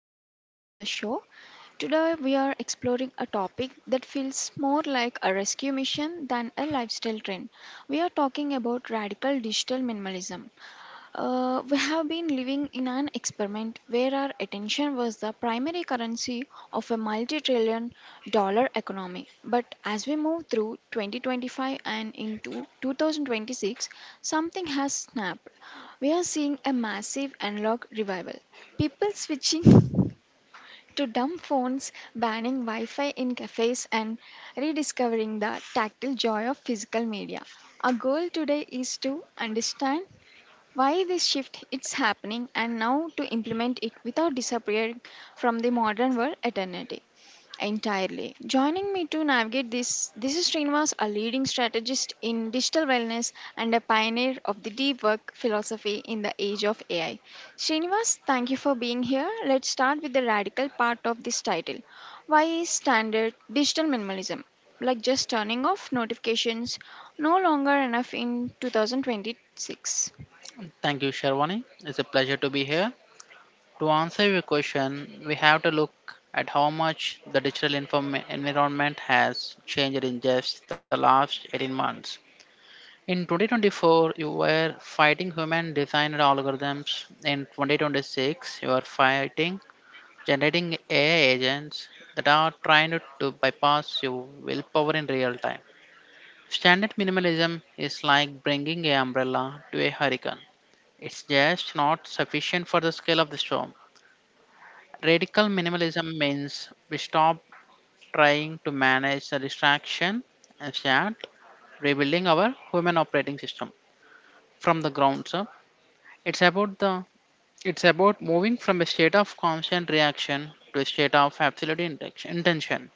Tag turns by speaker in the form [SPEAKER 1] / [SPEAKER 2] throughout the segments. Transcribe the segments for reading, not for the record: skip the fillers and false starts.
[SPEAKER 1] and welcome back to the show. Today, we are exploring a topic that feels more like a rescue mission than a lifestyle trend. We are talking about radical digital minimalism. We have been living in an experiment where our attention was the primary currency of a multi trillion dollar economy. But as we move through 2025 and into 2026, something has snapped. We are seeing a massive analog revival. People switching to dumb phones, banning Wi Fi in cafes, and rediscovering the tactile joy of physical media. Our goal today is to understand why this shift it's happening and now to implement it without disappearing from the modern world eternity entirely, joining me to navigate this is Srinivas, a leading strategist in digital wellness and a pioneer of the deep work philosophy in the age of AI. Srinivas, thank you for being here. Let's start with the radical part of this title. Why is standard digital minimalism, like just turning off notifications, no longer enough in 2026?
[SPEAKER 2] Thank you, Sharwani. It's a pleasure to be here. To answer your question, we have to look at how much the environment has changed in just the last 18 months. In 2024, you were fighting human designed algorithms. In 2026, you are fighting generating AI agents that are trying to bypass your willpower in real time. Standard minimalism is like bringing an umbrella to a hurricane. It's just not sufficient for the scale of the storm. Radical minimalism means we stop trying to manage the distraction and start rebuilding our human operating system from the ground up. It's about the it's about moving from a state of constant reaction to a state of intention.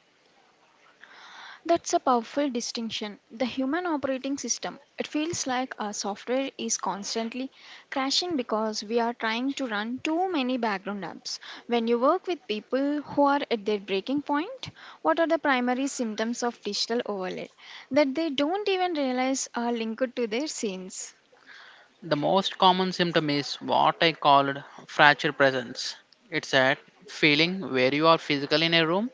[SPEAKER 1] That's a powerful distinction. The human operating system, it feels like our software is constantly crashing because we are trying to run too many background apps. When you work with people who are at their breaking point, what are the primary symptoms of digital overload that they don't even realize are linked to their scenes?
[SPEAKER 2] The most common symptom is what I called fracture presence. It's that feeling where you are physically in a room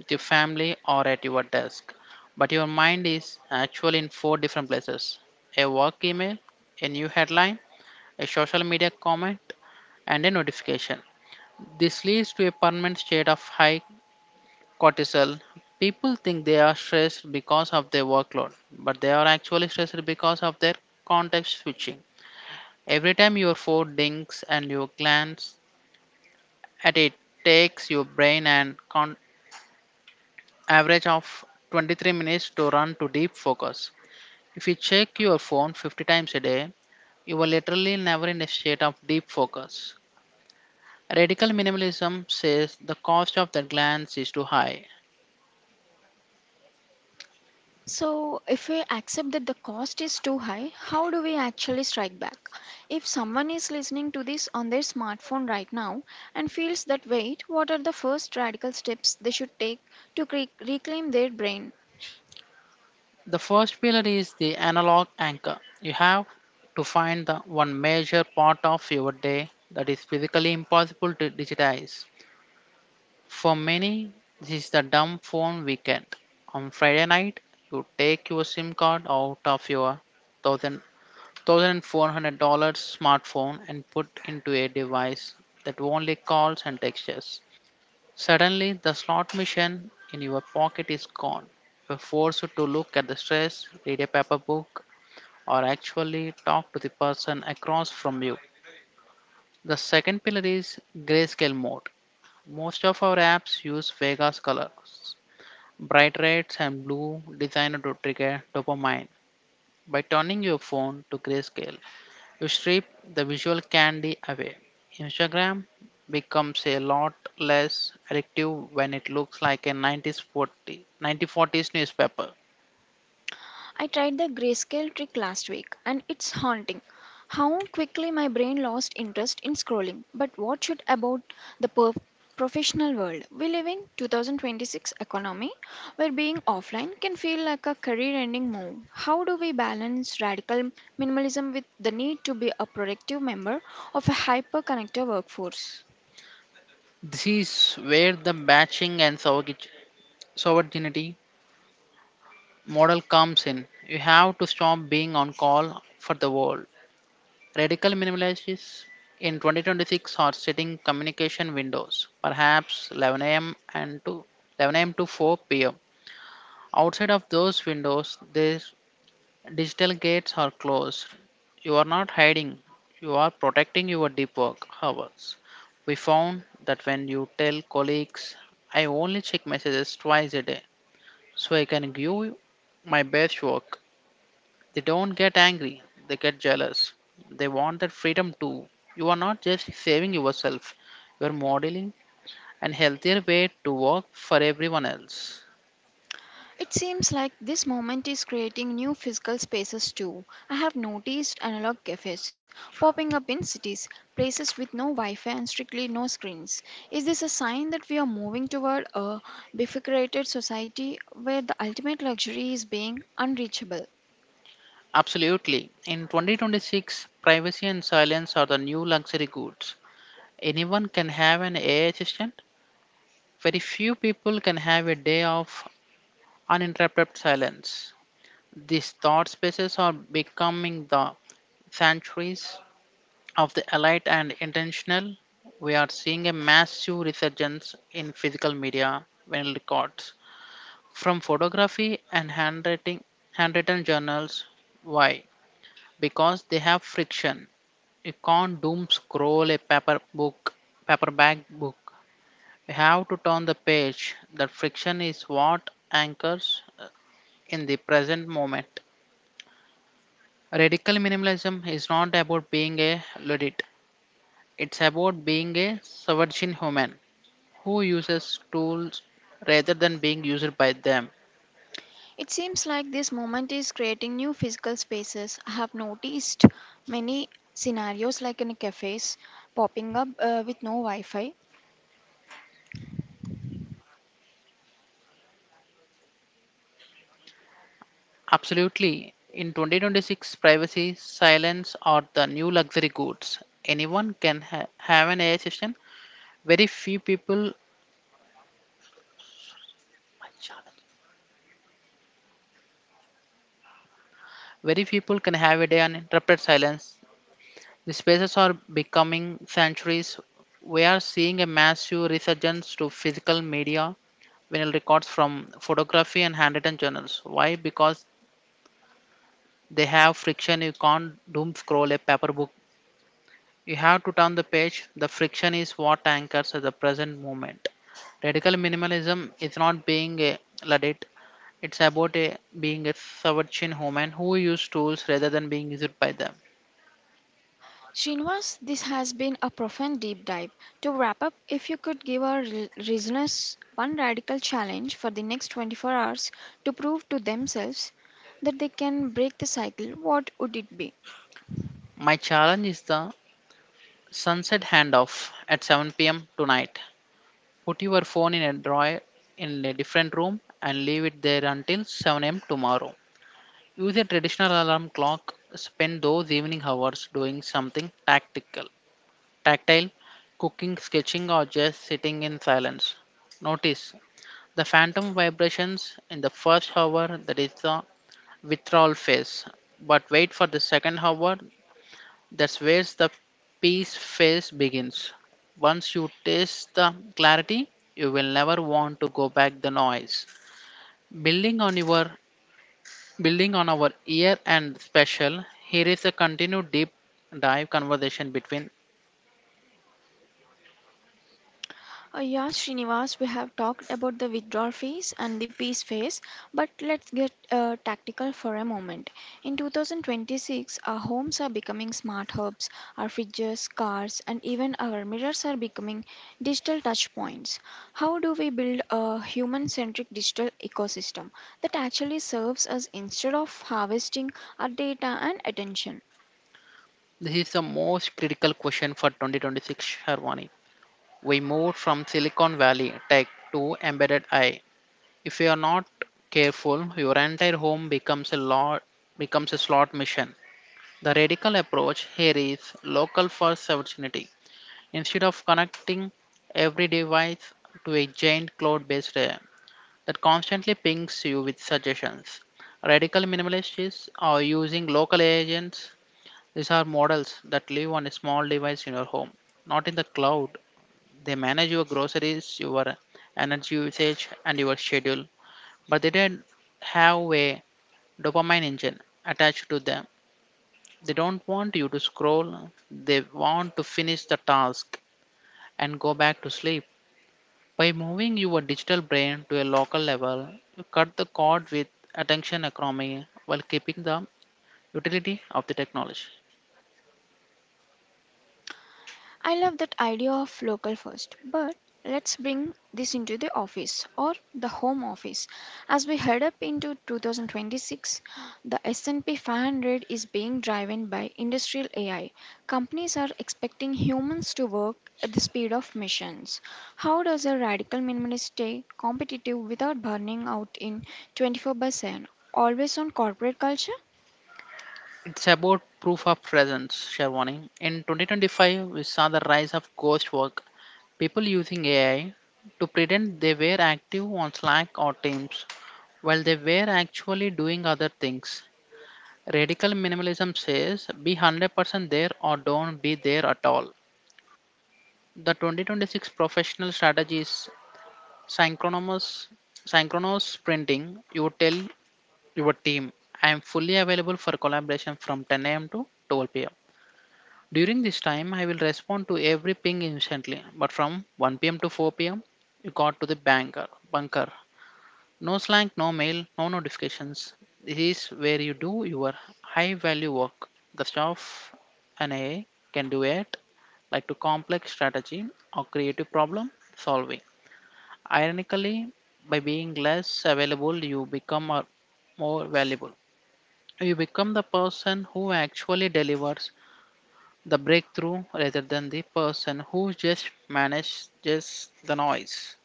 [SPEAKER 2] with your family or at your desk, but your mind is actually in four different places: a work email, a new headline, a social media comment, and a notification. This leads to a permanent state of high cortisol. People think they are stressed because of their workload, but they are actually stressed because of their context switching. Every time your phone dings and you glance at it, takes your brain an con- average of 23 minutes to run to deep focus. If you check your phone 50 times a day, you will literally never in a state of deep focus. Radical minimalism says the cost of that glance is too high.
[SPEAKER 1] So, if we accept that the cost is too high, how do we actually strike back? If someone is listening to this on their smartphone right now and feels that weight, what are the first radical steps they should take to reclaim their brain?
[SPEAKER 2] The first pillar is the analog anchor. You have to find the one major part of your day that is physically impossible to digitize. For many, this is the dumb phone weekend. On Friday night, you take your SIM card out of your 1000 $1,400 smartphone and put into a device that only calls and texts. Suddenly, the slot machine in your pocket is gone. You're forced to look at the stress, read a paper book, or actually talk to the person across from you. The second pillar is grayscale mode. Most of our apps use Vegas colors, bright reds and blue designed to trigger dopamine. By turning your phone to grayscale, you strip the visual candy away. Instagram becomes a lot less addictive when it looks like a 1940s newspaper.
[SPEAKER 1] I tried the grayscale trick last week and it's haunting. How quickly my brain lost interest in scrolling. But what should about the professional world? We live in 2026 economy where being offline can feel like a career-ending move. How do we balance radical minimalism with the need to be a productive member of a hyper-connected workforce?
[SPEAKER 2] This is where the batching and sovereignty model comes in. You have to stop being on call for the world. Radical minimalists in 2026 are setting communication windows, perhaps 11 a.m. to 4 p.m. Outside of those windows, they digital gates are closed. You are not hiding, you are protecting your deep work hours. We found that when you tell colleagues, I only check messages twice a day so I can give my best work, they don't get angry, they get jealous. They want that freedom too. You are not just saving yourself, you are modeling an healthier way to work for everyone else.
[SPEAKER 1] It seems like this moment is creating new physical spaces too. I have noticed analog cafes popping up in cities, places with no Wi Fi and strictly no screens. Is this a sign that we are moving toward a bifurcated society where the ultimate luxury is being unreachable?
[SPEAKER 2] Absolutely. In 2026, privacy and silence are the new luxury goods. Anyone can have an AI assistant. Very few people can have a day of uninterrupted silence. These thought spaces are becoming the sanctuaries of the elite and intentional. We are seeing a massive resurgence in physical media when records from photography and handwritten journals. Why? Because they have friction. You can't doom scroll a paperback book. We have to turn the page. That friction is what anchors uh, in the present moment. Radical minimalism is not about being a Luddite, it's about being a sovereign human who uses tools rather than being used by them.
[SPEAKER 1] It seems like this moment is creating new physical spaces. I have noticed many scenarios like in cafes popping up with no Wi Fi.
[SPEAKER 2] Absolutely. In 2026, privacy, silence are the new luxury goods. Anyone can have an AI system. Very few people very few people can have a day uninterrupted silence. The spaces are becoming sanctuaries. We are seeing a massive resurgence to physical media, vinyl records from photography and handwritten journals. Why? Because they have friction. You can't doom scroll a paper book. You have to turn the page. The friction is what anchors the present moment. Radical minimalism is not being a luddite. It's about being a sovereign human who use tools rather than being used by them.
[SPEAKER 1] Srinivas, this has been a profound deep dive. To wrap up, if you could give our listeners one radical challenge for the next 24 hours to prove to themselves that they can break the cycle, what would it be?
[SPEAKER 2] My challenge is the Sunset handoff at 7 p.m. tonight. Put your phone in a drawer in a different room and leave it there until 7 a.m. tomorrow. Use a traditional alarm clock. Spend those evening hours doing something tactile, cooking, sketching, or just sitting in silence. Notice the phantom vibrations in the first hour. That is the withdrawal phase. But wait for the second hour. That's where the peace phase begins. Once you taste the clarity, you will never want to go back the noise. Building on your Building on our year end special, here is a continued deep dive conversation between
[SPEAKER 1] Yeah, Srinivas, we have talked about the withdrawal phase and the peace phase, but let's get tactical for a moment. In 2026, our homes are becoming smart hubs, our fridges, cars, and even our mirrors are becoming digital touchpoints. How do we build a human centric digital ecosystem that actually serves us instead of harvesting our data and attention?
[SPEAKER 2] this is the most critical question for 2026, Harmony. We moved from Silicon Valley tech to embedded AI. If you are not careful, your entire home becomes a slot machine. The radical approach here is local for sovereignty. Instead of connecting every device to a giant cloud based AI that constantly pings you with suggestions, radical minimalists are using local AI agents. These are models that live on a small device in your home, not in the cloud. They manage your groceries, your energy usage, and your schedule, but they don't have a dopamine engine attached to them. They don't want you to scroll, they want to finish the task and go back to sleep. By moving your digital brain to a local level, you cut the cord with attention economy while keeping the utility of the technology.
[SPEAKER 1] I love that idea of local first, but let's bring this into the office or the home office. As we head up into 2026, the S&P 500 is being driven by industrial AI. Companies are expecting humans to work at the speed of machines. How does a radical minimalist stay competitive without burning out in 24 by 7? Always on corporate culture?
[SPEAKER 2] It's about proof of presence, Sharwani. In 2025, we saw the rise of ghost work, people using AI to pretend they were active on Slack or Teams while they were actually doing other things. Radical minimalism says be 100% there or don't be there at all. The 2026 professional strategy is synchronous, synchronous sprinting. You tell your team, I am fully available for collaboration from 10 a.m. to 12 p.m. During this time, I will respond to every ping instantly, but from 1 p.m. to 4 p.m., you got to the bunker. No slang, no mail, no notifications. This is where you do your high value work. The staff and AI can do it, like to complex strategy or creative problem solving. Ironically, by being less available, you become more valuable. You become the person who actually delivers the breakthrough rather than the person who just manages the noise.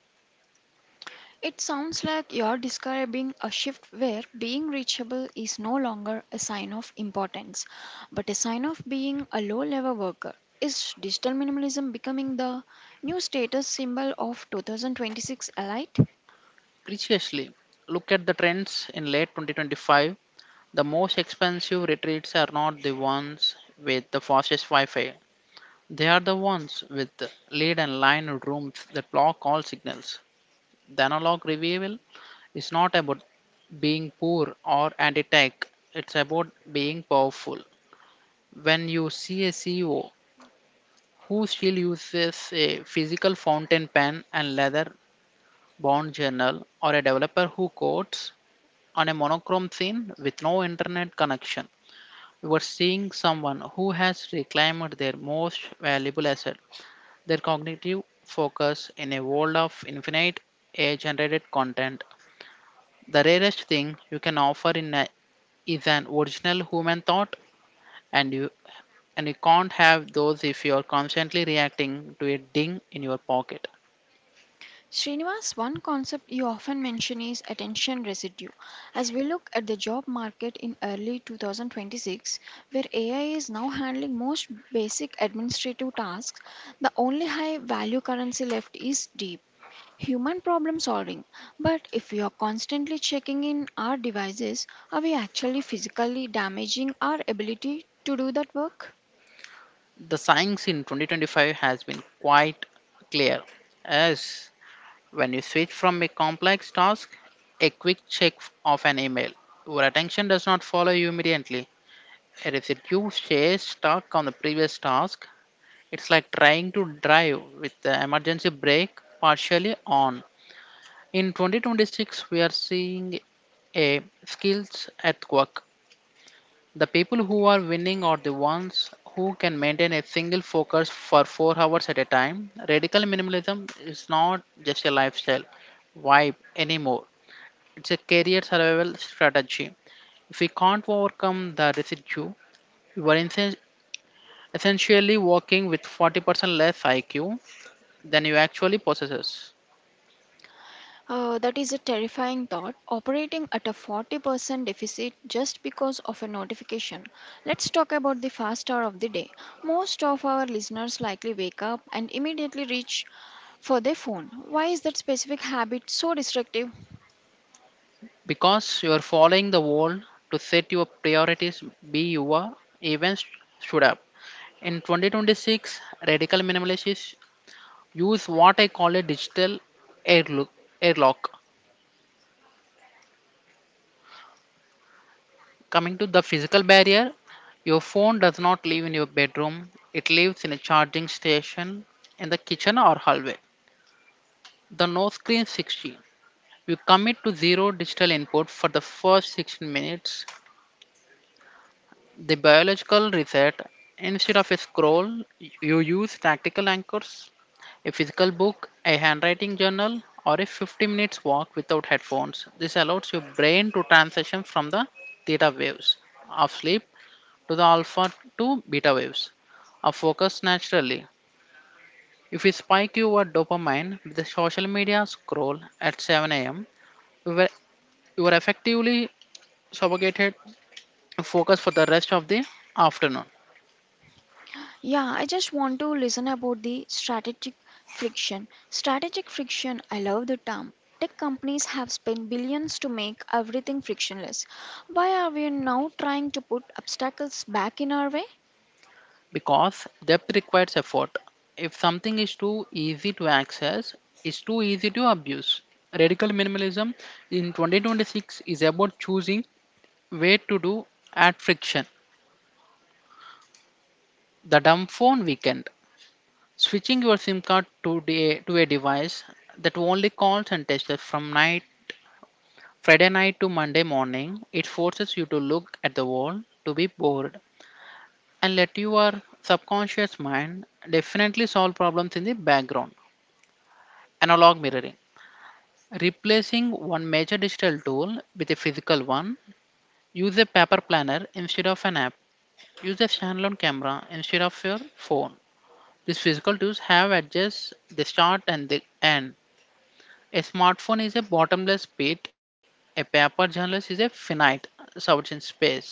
[SPEAKER 1] It sounds like you're describing a shift where being reachable is no longer a sign of importance, but a sign of being a low level worker. Is digital minimalism becoming the new status symbol of 2026 elite?
[SPEAKER 2] Preciously, look at the trends in late 2025. The most expensive retreats are not the ones with the fastest Wi Fi. They are the ones with lead and line rooms that block all signals. The analog revival is not about being poor or anti tech, it's about being powerful. When you see a CEO who still uses a physical fountain pen and leather bound journal, or a developer who codes on a monochrome scene with no internet connection, you are seeing someone who has reclaimed their most valuable asset, their cognitive focus in a world of infinite AI generated content. The rarest thing you can offer is an original human thought, and you can't have those if you are constantly reacting to a ding in your pocket.
[SPEAKER 1] Srinivas, one concept you often mention is attention residue. As we look at the job market in early 2026, where AI is now handling most basic administrative tasks, the only high value currency left is deep human problem solving. But if we are constantly checking in our devices, are we actually physically damaging our ability to do that work?
[SPEAKER 2] The science in 2025 has been quite clear. Yes, when you switch from a complex task, a quick check of an email, your attention does not follow you immediately. And if you stay stuck on the previous task, it's like trying to drive with the emergency brake partially on. In 2026, we are seeing a skills at work. The people who are winning are the ones who can maintain a single focus for 4 hours at a time. Radical minimalism is not just a lifestyle vibe anymore. It's a career survival strategy. If we can't overcome the residue, you are essentially working with 40% less IQ than you actually possess.
[SPEAKER 1] That is a terrifying thought. Operating at a 40% deficit just because of a notification. Let's talk about the first hour of the day. Most of our listeners likely wake up and immediately reach for their phone. Why is that specific habit so destructive?
[SPEAKER 2] Because you are following the world to set your priorities be your events should up. In 2026, radical minimalists use what I call a digital airlock. Airlock. Coming to the physical barrier, your phone does not live in your bedroom, it lives in a charging station in the kitchen or hallway. The no screen 16. You commit to zero digital input for the first 16 minutes. The biological reset, instead of a scroll, you use tactical anchors, a physical book, a handwriting journal, or a 50 minutes walk without headphones. This allows your brain to transition from the theta waves of sleep to the alpha to beta waves are focused naturally. If we spike your dopamine with the social media scroll at 7 a.m., you were, you were effectively suffocated focus for the rest of the afternoon
[SPEAKER 1] Yeah, I just want to listen about the strategic friction. Strategic friction, I love the term. Tech companies have spent billions to make everything frictionless. Why are we now trying to put obstacles back in our way?
[SPEAKER 2] because depth requires effort. If something is too easy to access, it's too easy to abuse. Radical minimalism in 2026 is about choosing where to do at friction. The dumb phone weekend. Switching your SIM card to, to a device that only calls and texts from night Friday night to Monday morning. It forces you to look at the wall, to be bored, and let your subconscious mind definitely solve problems in the background. Analog mirroring. Replacing one major digital tool with a physical one, use a paper planner instead of an app. Use a standalone camera instead of your phone. These physical tools have edges, they start and they end. A smartphone is a bottomless pit, a paper journalist is a finite search in space.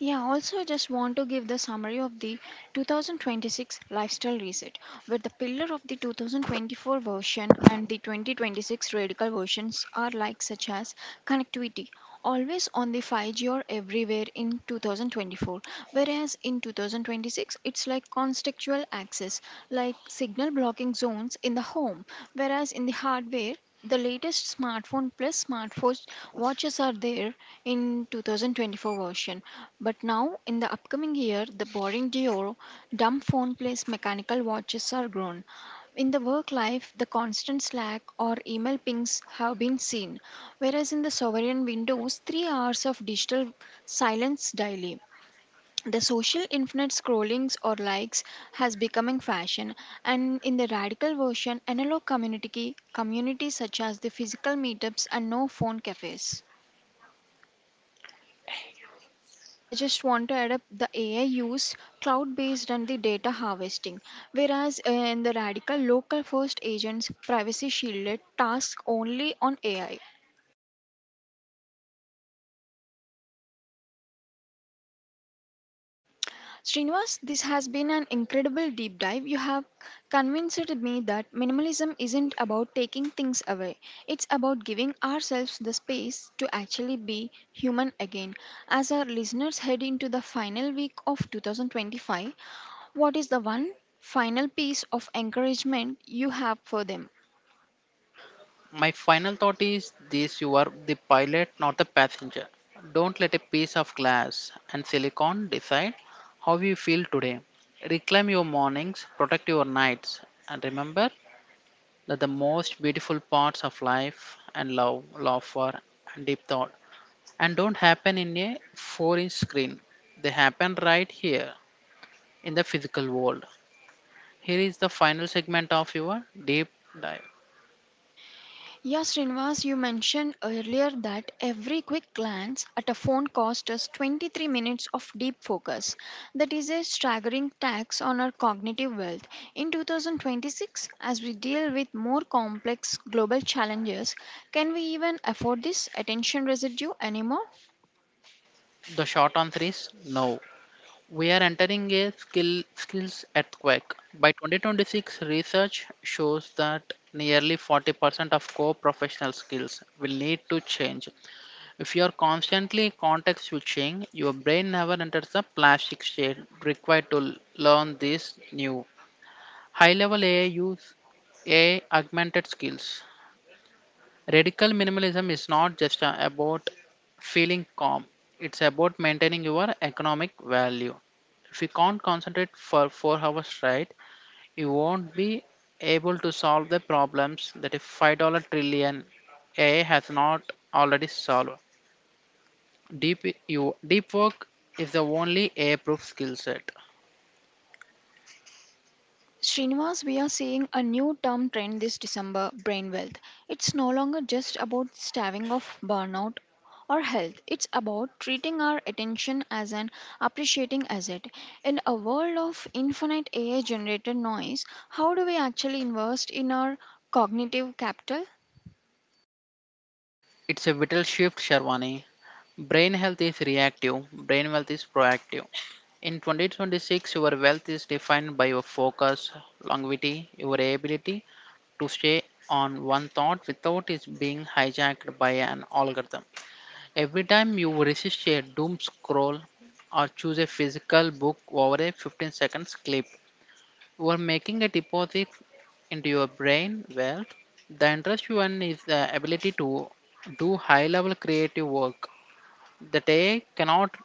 [SPEAKER 1] Yeah, also I just want to give the summary of the 2026 lifestyle reset, where the pillar of the 2024 version and the 2026 radical versions are like such as connectivity always on the 5G or everywhere in 2024, whereas in 2026 it's like contextual access, like signal blocking zones in the home, whereas in the hardware, the latest smartphone plus smartwatch watches are there in 2024 version. But now in the upcoming year, the boring Dior dumb phone plus mechanical watches are grown. In the work life, the constant Slack or email pings have been seen, whereas in the sovereign windows, 3 hours of digital silence daily. The social infinite scrollings or likes has becoming fashion, and in the radical version, analog community communities such as the physical meetups and no phone cafes. I just want to add up the AI use cloud based and the data harvesting. Whereas in the radical local first agents, privacy shielded tasks only on AI. Srinivas, this has been an incredible deep dive. You have convinced me that minimalism isn't about taking things away, it's about giving ourselves the space to actually be human again. As our listeners head into the final week of 2025, what is the one final piece of encouragement you have for them?
[SPEAKER 2] My final thought is this: you are the pilot, not the passenger. Don't let a piece of glass and silicon decide how you feel today. Reclaim your mornings, protect your nights, and remember that the most beautiful parts of life and love, laughter, and deep thought and don't happen in a 4-inch screen. They happen right here in the physical world. Here is the final segment of your deep dive.
[SPEAKER 1] Yeah, Srinivas, you mentioned earlier that every quick glance at a phone costs us 23 minutes of deep focus. That is a staggering tax on our cognitive wealth. In 2026, as we deal with more complex global challenges, can we even afford this attention residue anymore?
[SPEAKER 2] The short answer is no. We are entering a skills earthquake. By 2026, research shows that nearly 40% of core professional skills will need to change. If you are constantly context switching, your brain never enters the plastic state required to learn these new high level AI augmented skills. Radical minimalism is not just about feeling calm, it's about maintaining your economic value. If you can't concentrate for 4 hours straight, you won't be able to solve the problems that a $5 trillion AI has not already solved. Deep, Deep work is the only AI proof skill set.
[SPEAKER 1] Oh, Srinivas, we are seeing a new term trend this December brain wealth. It's no longer just about staving off burnout or health, it's about treating our attention as an appreciating asset. In a world of infinite AI generated noise, how do we actually invest in our cognitive capital?
[SPEAKER 2] It's a vital shift, Sharwani. Brain health is reactive, brain wealth is proactive. In 2026, your wealth is defined by your focus, longevity, your ability to stay on one thought without it being hijacked by an algorithm. Every time you resist a doom scroll or choose a physical book over a 15 seconds clip, you are making a deposit into your brain wealth. The interest you earn is the ability to do high level creative work that AI cannot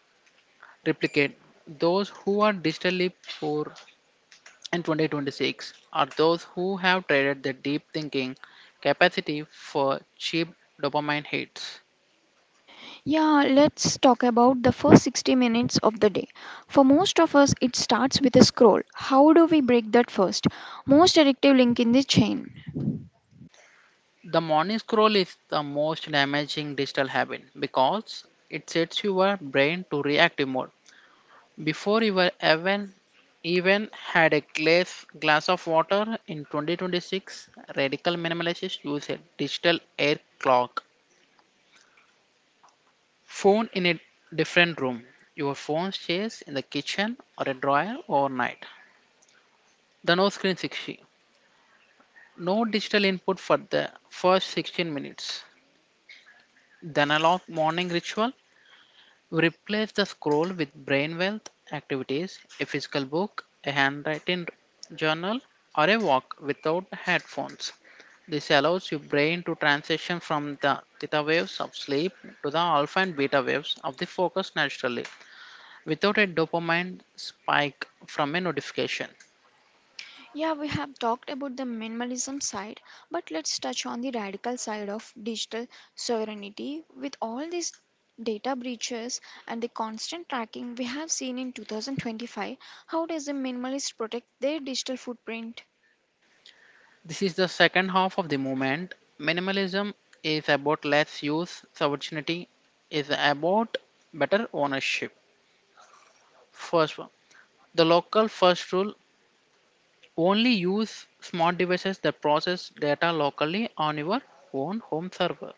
[SPEAKER 2] replicate. Those who are digitally poor in 2026 are those who have traded their deep thinking capacity for cheap dopamine hits.
[SPEAKER 1] Yeah, let's talk about the first 60 minutes of the day. For most of us, it starts with a scroll. How do we break that first? Most addictive link in the chain.
[SPEAKER 2] The morning scroll is the most damaging digital habit because it sets your brain to reactive mode. Before you were even had a glass of water, in 2026, radical minimalists use a digital air clock. Phone in a different room. Your phone stays in the kitchen or a drawer overnight. The no screen 60. No digital input for the first 16 minutes. The analog morning ritual. Replace the scroll with brain wealth activities, a physical book, a handwritten journal, or a walk without headphones. This allows your brain to transition from the theta waves of sleep to the alpha and beta waves of the focus naturally without a dopamine spike from a notification.
[SPEAKER 1] Yeah, we have talked about the minimalism side, but let's touch on the radical side of digital sovereignty. With all these data breaches and the constant tracking we have seen in 2025, how does the minimalist protect their digital footprint?
[SPEAKER 2] This is the second half of the movement. Minimalism is about less use, subordinity is about better ownership. First one. The local first rule. Only use smart devices that process data locally on your own home server.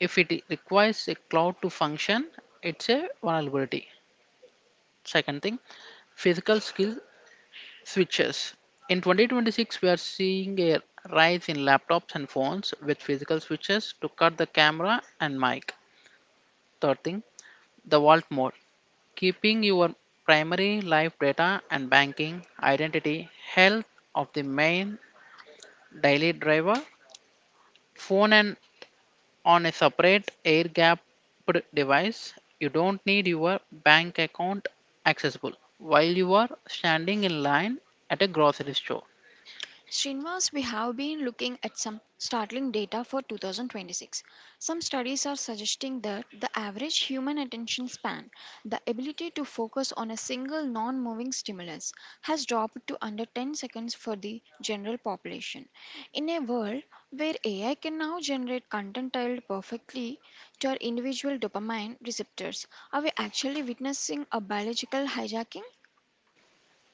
[SPEAKER 2] If requires a cloud to function, it's a vulnerability. Second thing, physical skill switches. In 2026, we are seeing a rise in laptops and phones with physical switches to cut the camera and mic. Third thing, the vault mode. Keeping your primary life data and banking, identity, health of the main daily driver, phone and on a separate air gapped device. You don't need your bank account accessible while you are standing in line at a grocery store.
[SPEAKER 1] Srinivas, we have been looking at some startling data for 2026. Some studies are suggesting that the average human attention span, the ability to focus on a single non moving stimulus, has dropped to under 10 seconds for the general population. In a world where AI can now generate content tailored perfectly to our individual dopamine receptors, are we actually witnessing a biological hijacking?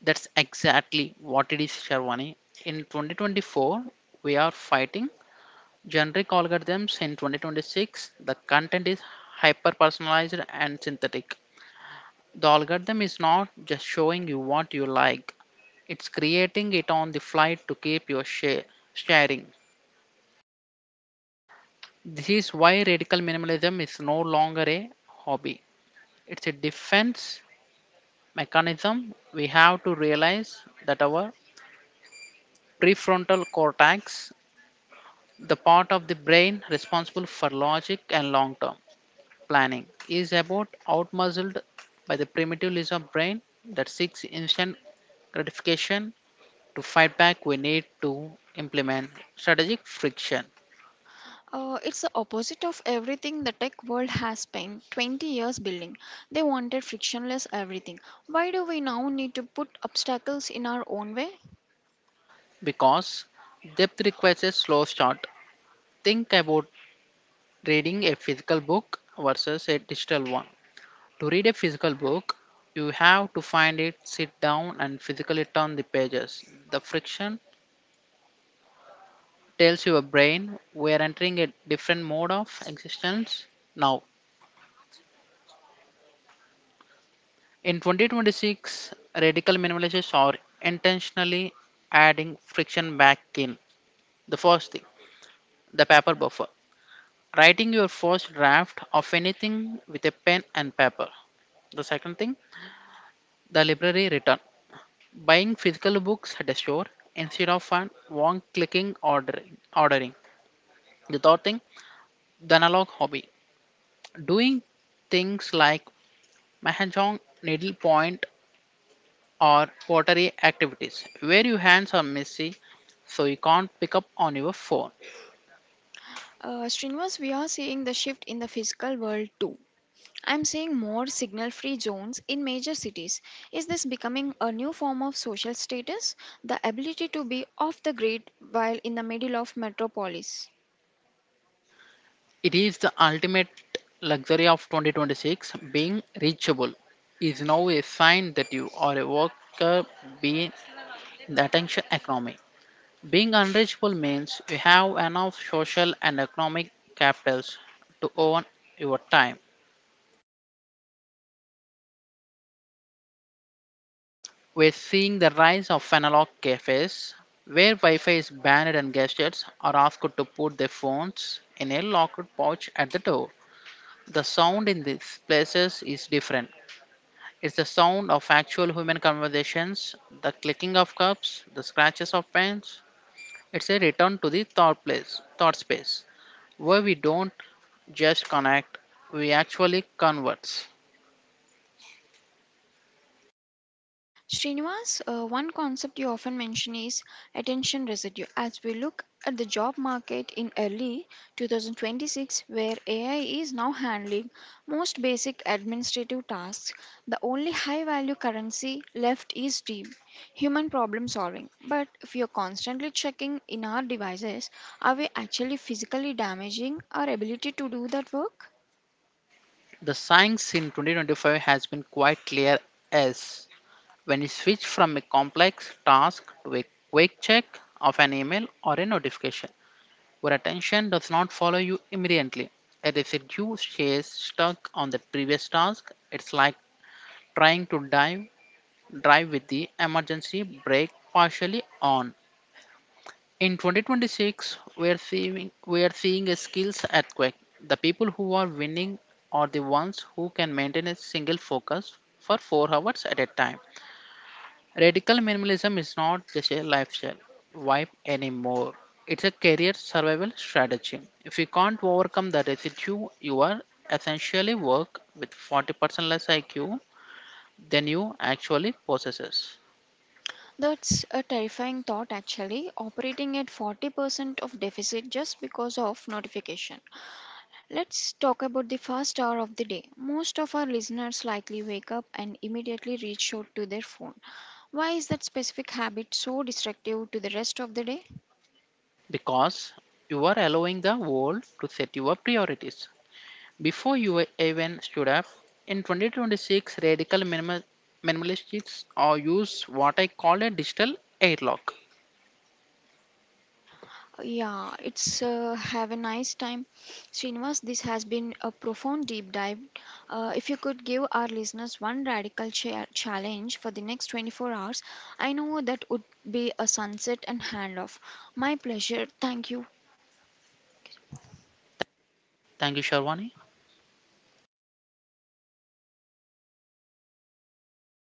[SPEAKER 2] That's exactly what it is, Sharwani. In 2024, we are fighting generic algorithms. In 2026, the content is hyper personalized and synthetic. The algorithm is not just showing you what you like, it's creating it on the fly to keep your sharing. This is why radical minimalism is no longer a hobby. It's a defense mechanism. We have to realize that our prefrontal cortex, the part of the brain responsible for logic and long term planning, is about outmuscled by the primitive lizard brain that seeks instant gratification. To fight back, we need to implement strategic friction
[SPEAKER 1] It's the opposite of everything the tech world has spent 20 years building. They wanted frictionless everything. Why do we now need to put obstacles in our own way?
[SPEAKER 2] because depth requires a slow start. Think about reading a physical book versus a digital one. To read a physical book, you have to find it, sit down, and physically turn the pages. The friction tells your brain we are entering a different mode of existence now. In 2026, radical minimalists are intentionally adding friction back in. The first thing, the paper buffer. Writing your first draft of anything with a pen and paper. The second thing, the library return. Buying physical books at a store instead of an one clicking ordering. The third thing, the analog hobby. Doing things like mahjong, needlepoint or pottery activities where your hands are messy so you can't pick up on your phone.
[SPEAKER 1] Streamers, we are seeing the shift in the physical world too. I'm seeing more signal free zones in major cities. Is this becoming a new form of social status? The ability to be off the grid while in the middle of metropolis?
[SPEAKER 2] It is the ultimate luxury of 2026. Being reachable is now a sign that you are a worker being in the attention economy. Being unreachable means you have enough social and economic capitals to own your time. We're seeing the rise of analog cafes where Wi-Fi is banned and guests are asked to put their phones in a locked pouch at the door. The sound in these places is different. It's the sound of actual human conversations, the clicking of cups, the scratches of pens. It's a return to the thought space, where we don't just connect, we actually converse.
[SPEAKER 1] Srinivas, one concept you often mention is attention residue. As we look at the job market in early 2026, where AI is now handling most basic administrative tasks, the only high value currency left is deep human problem solving. But if you're constantly checking in our devices, are we actually physically damaging our ability to do that work?
[SPEAKER 2] The science in 2025 has been quite clear as when you switch from a complex task to a quick check of an email or a notification, where attention does not follow you immediately. And if stays stuck on the previous task, it's like trying to dive drive with the emergency brake partially on. In 2026, we are seeing a skills earthquake. The people who are winning are the ones who can maintain a single focus for 4 hours at a time. Radical minimalism is not just a lifestyle vibe anymore. It's a career survival strategy. If you can't overcome the residue, you are essentially work with 40% less IQ than you actually possess.
[SPEAKER 1] That's a terrifying thought actually, operating at 40% of deficit just because of notification. Let's talk about the first hour of the day. Most of our listeners likely wake up and immediately reach out to their phone. Why is that specific habit so destructive to the rest of the day?
[SPEAKER 2] Because you are allowing the world to set your priorities. Before you even stood up, in 2026, minimalists or use what I call a digital airlock.
[SPEAKER 1] Yeah, it's have a nice time. Srinivas, this has been a profound deep dive. If you could give our listeners one radical challenge for the next 24 hours, I know that would be a sunset and handoff. My pleasure. Thank you.
[SPEAKER 2] Thank you, Sharwani.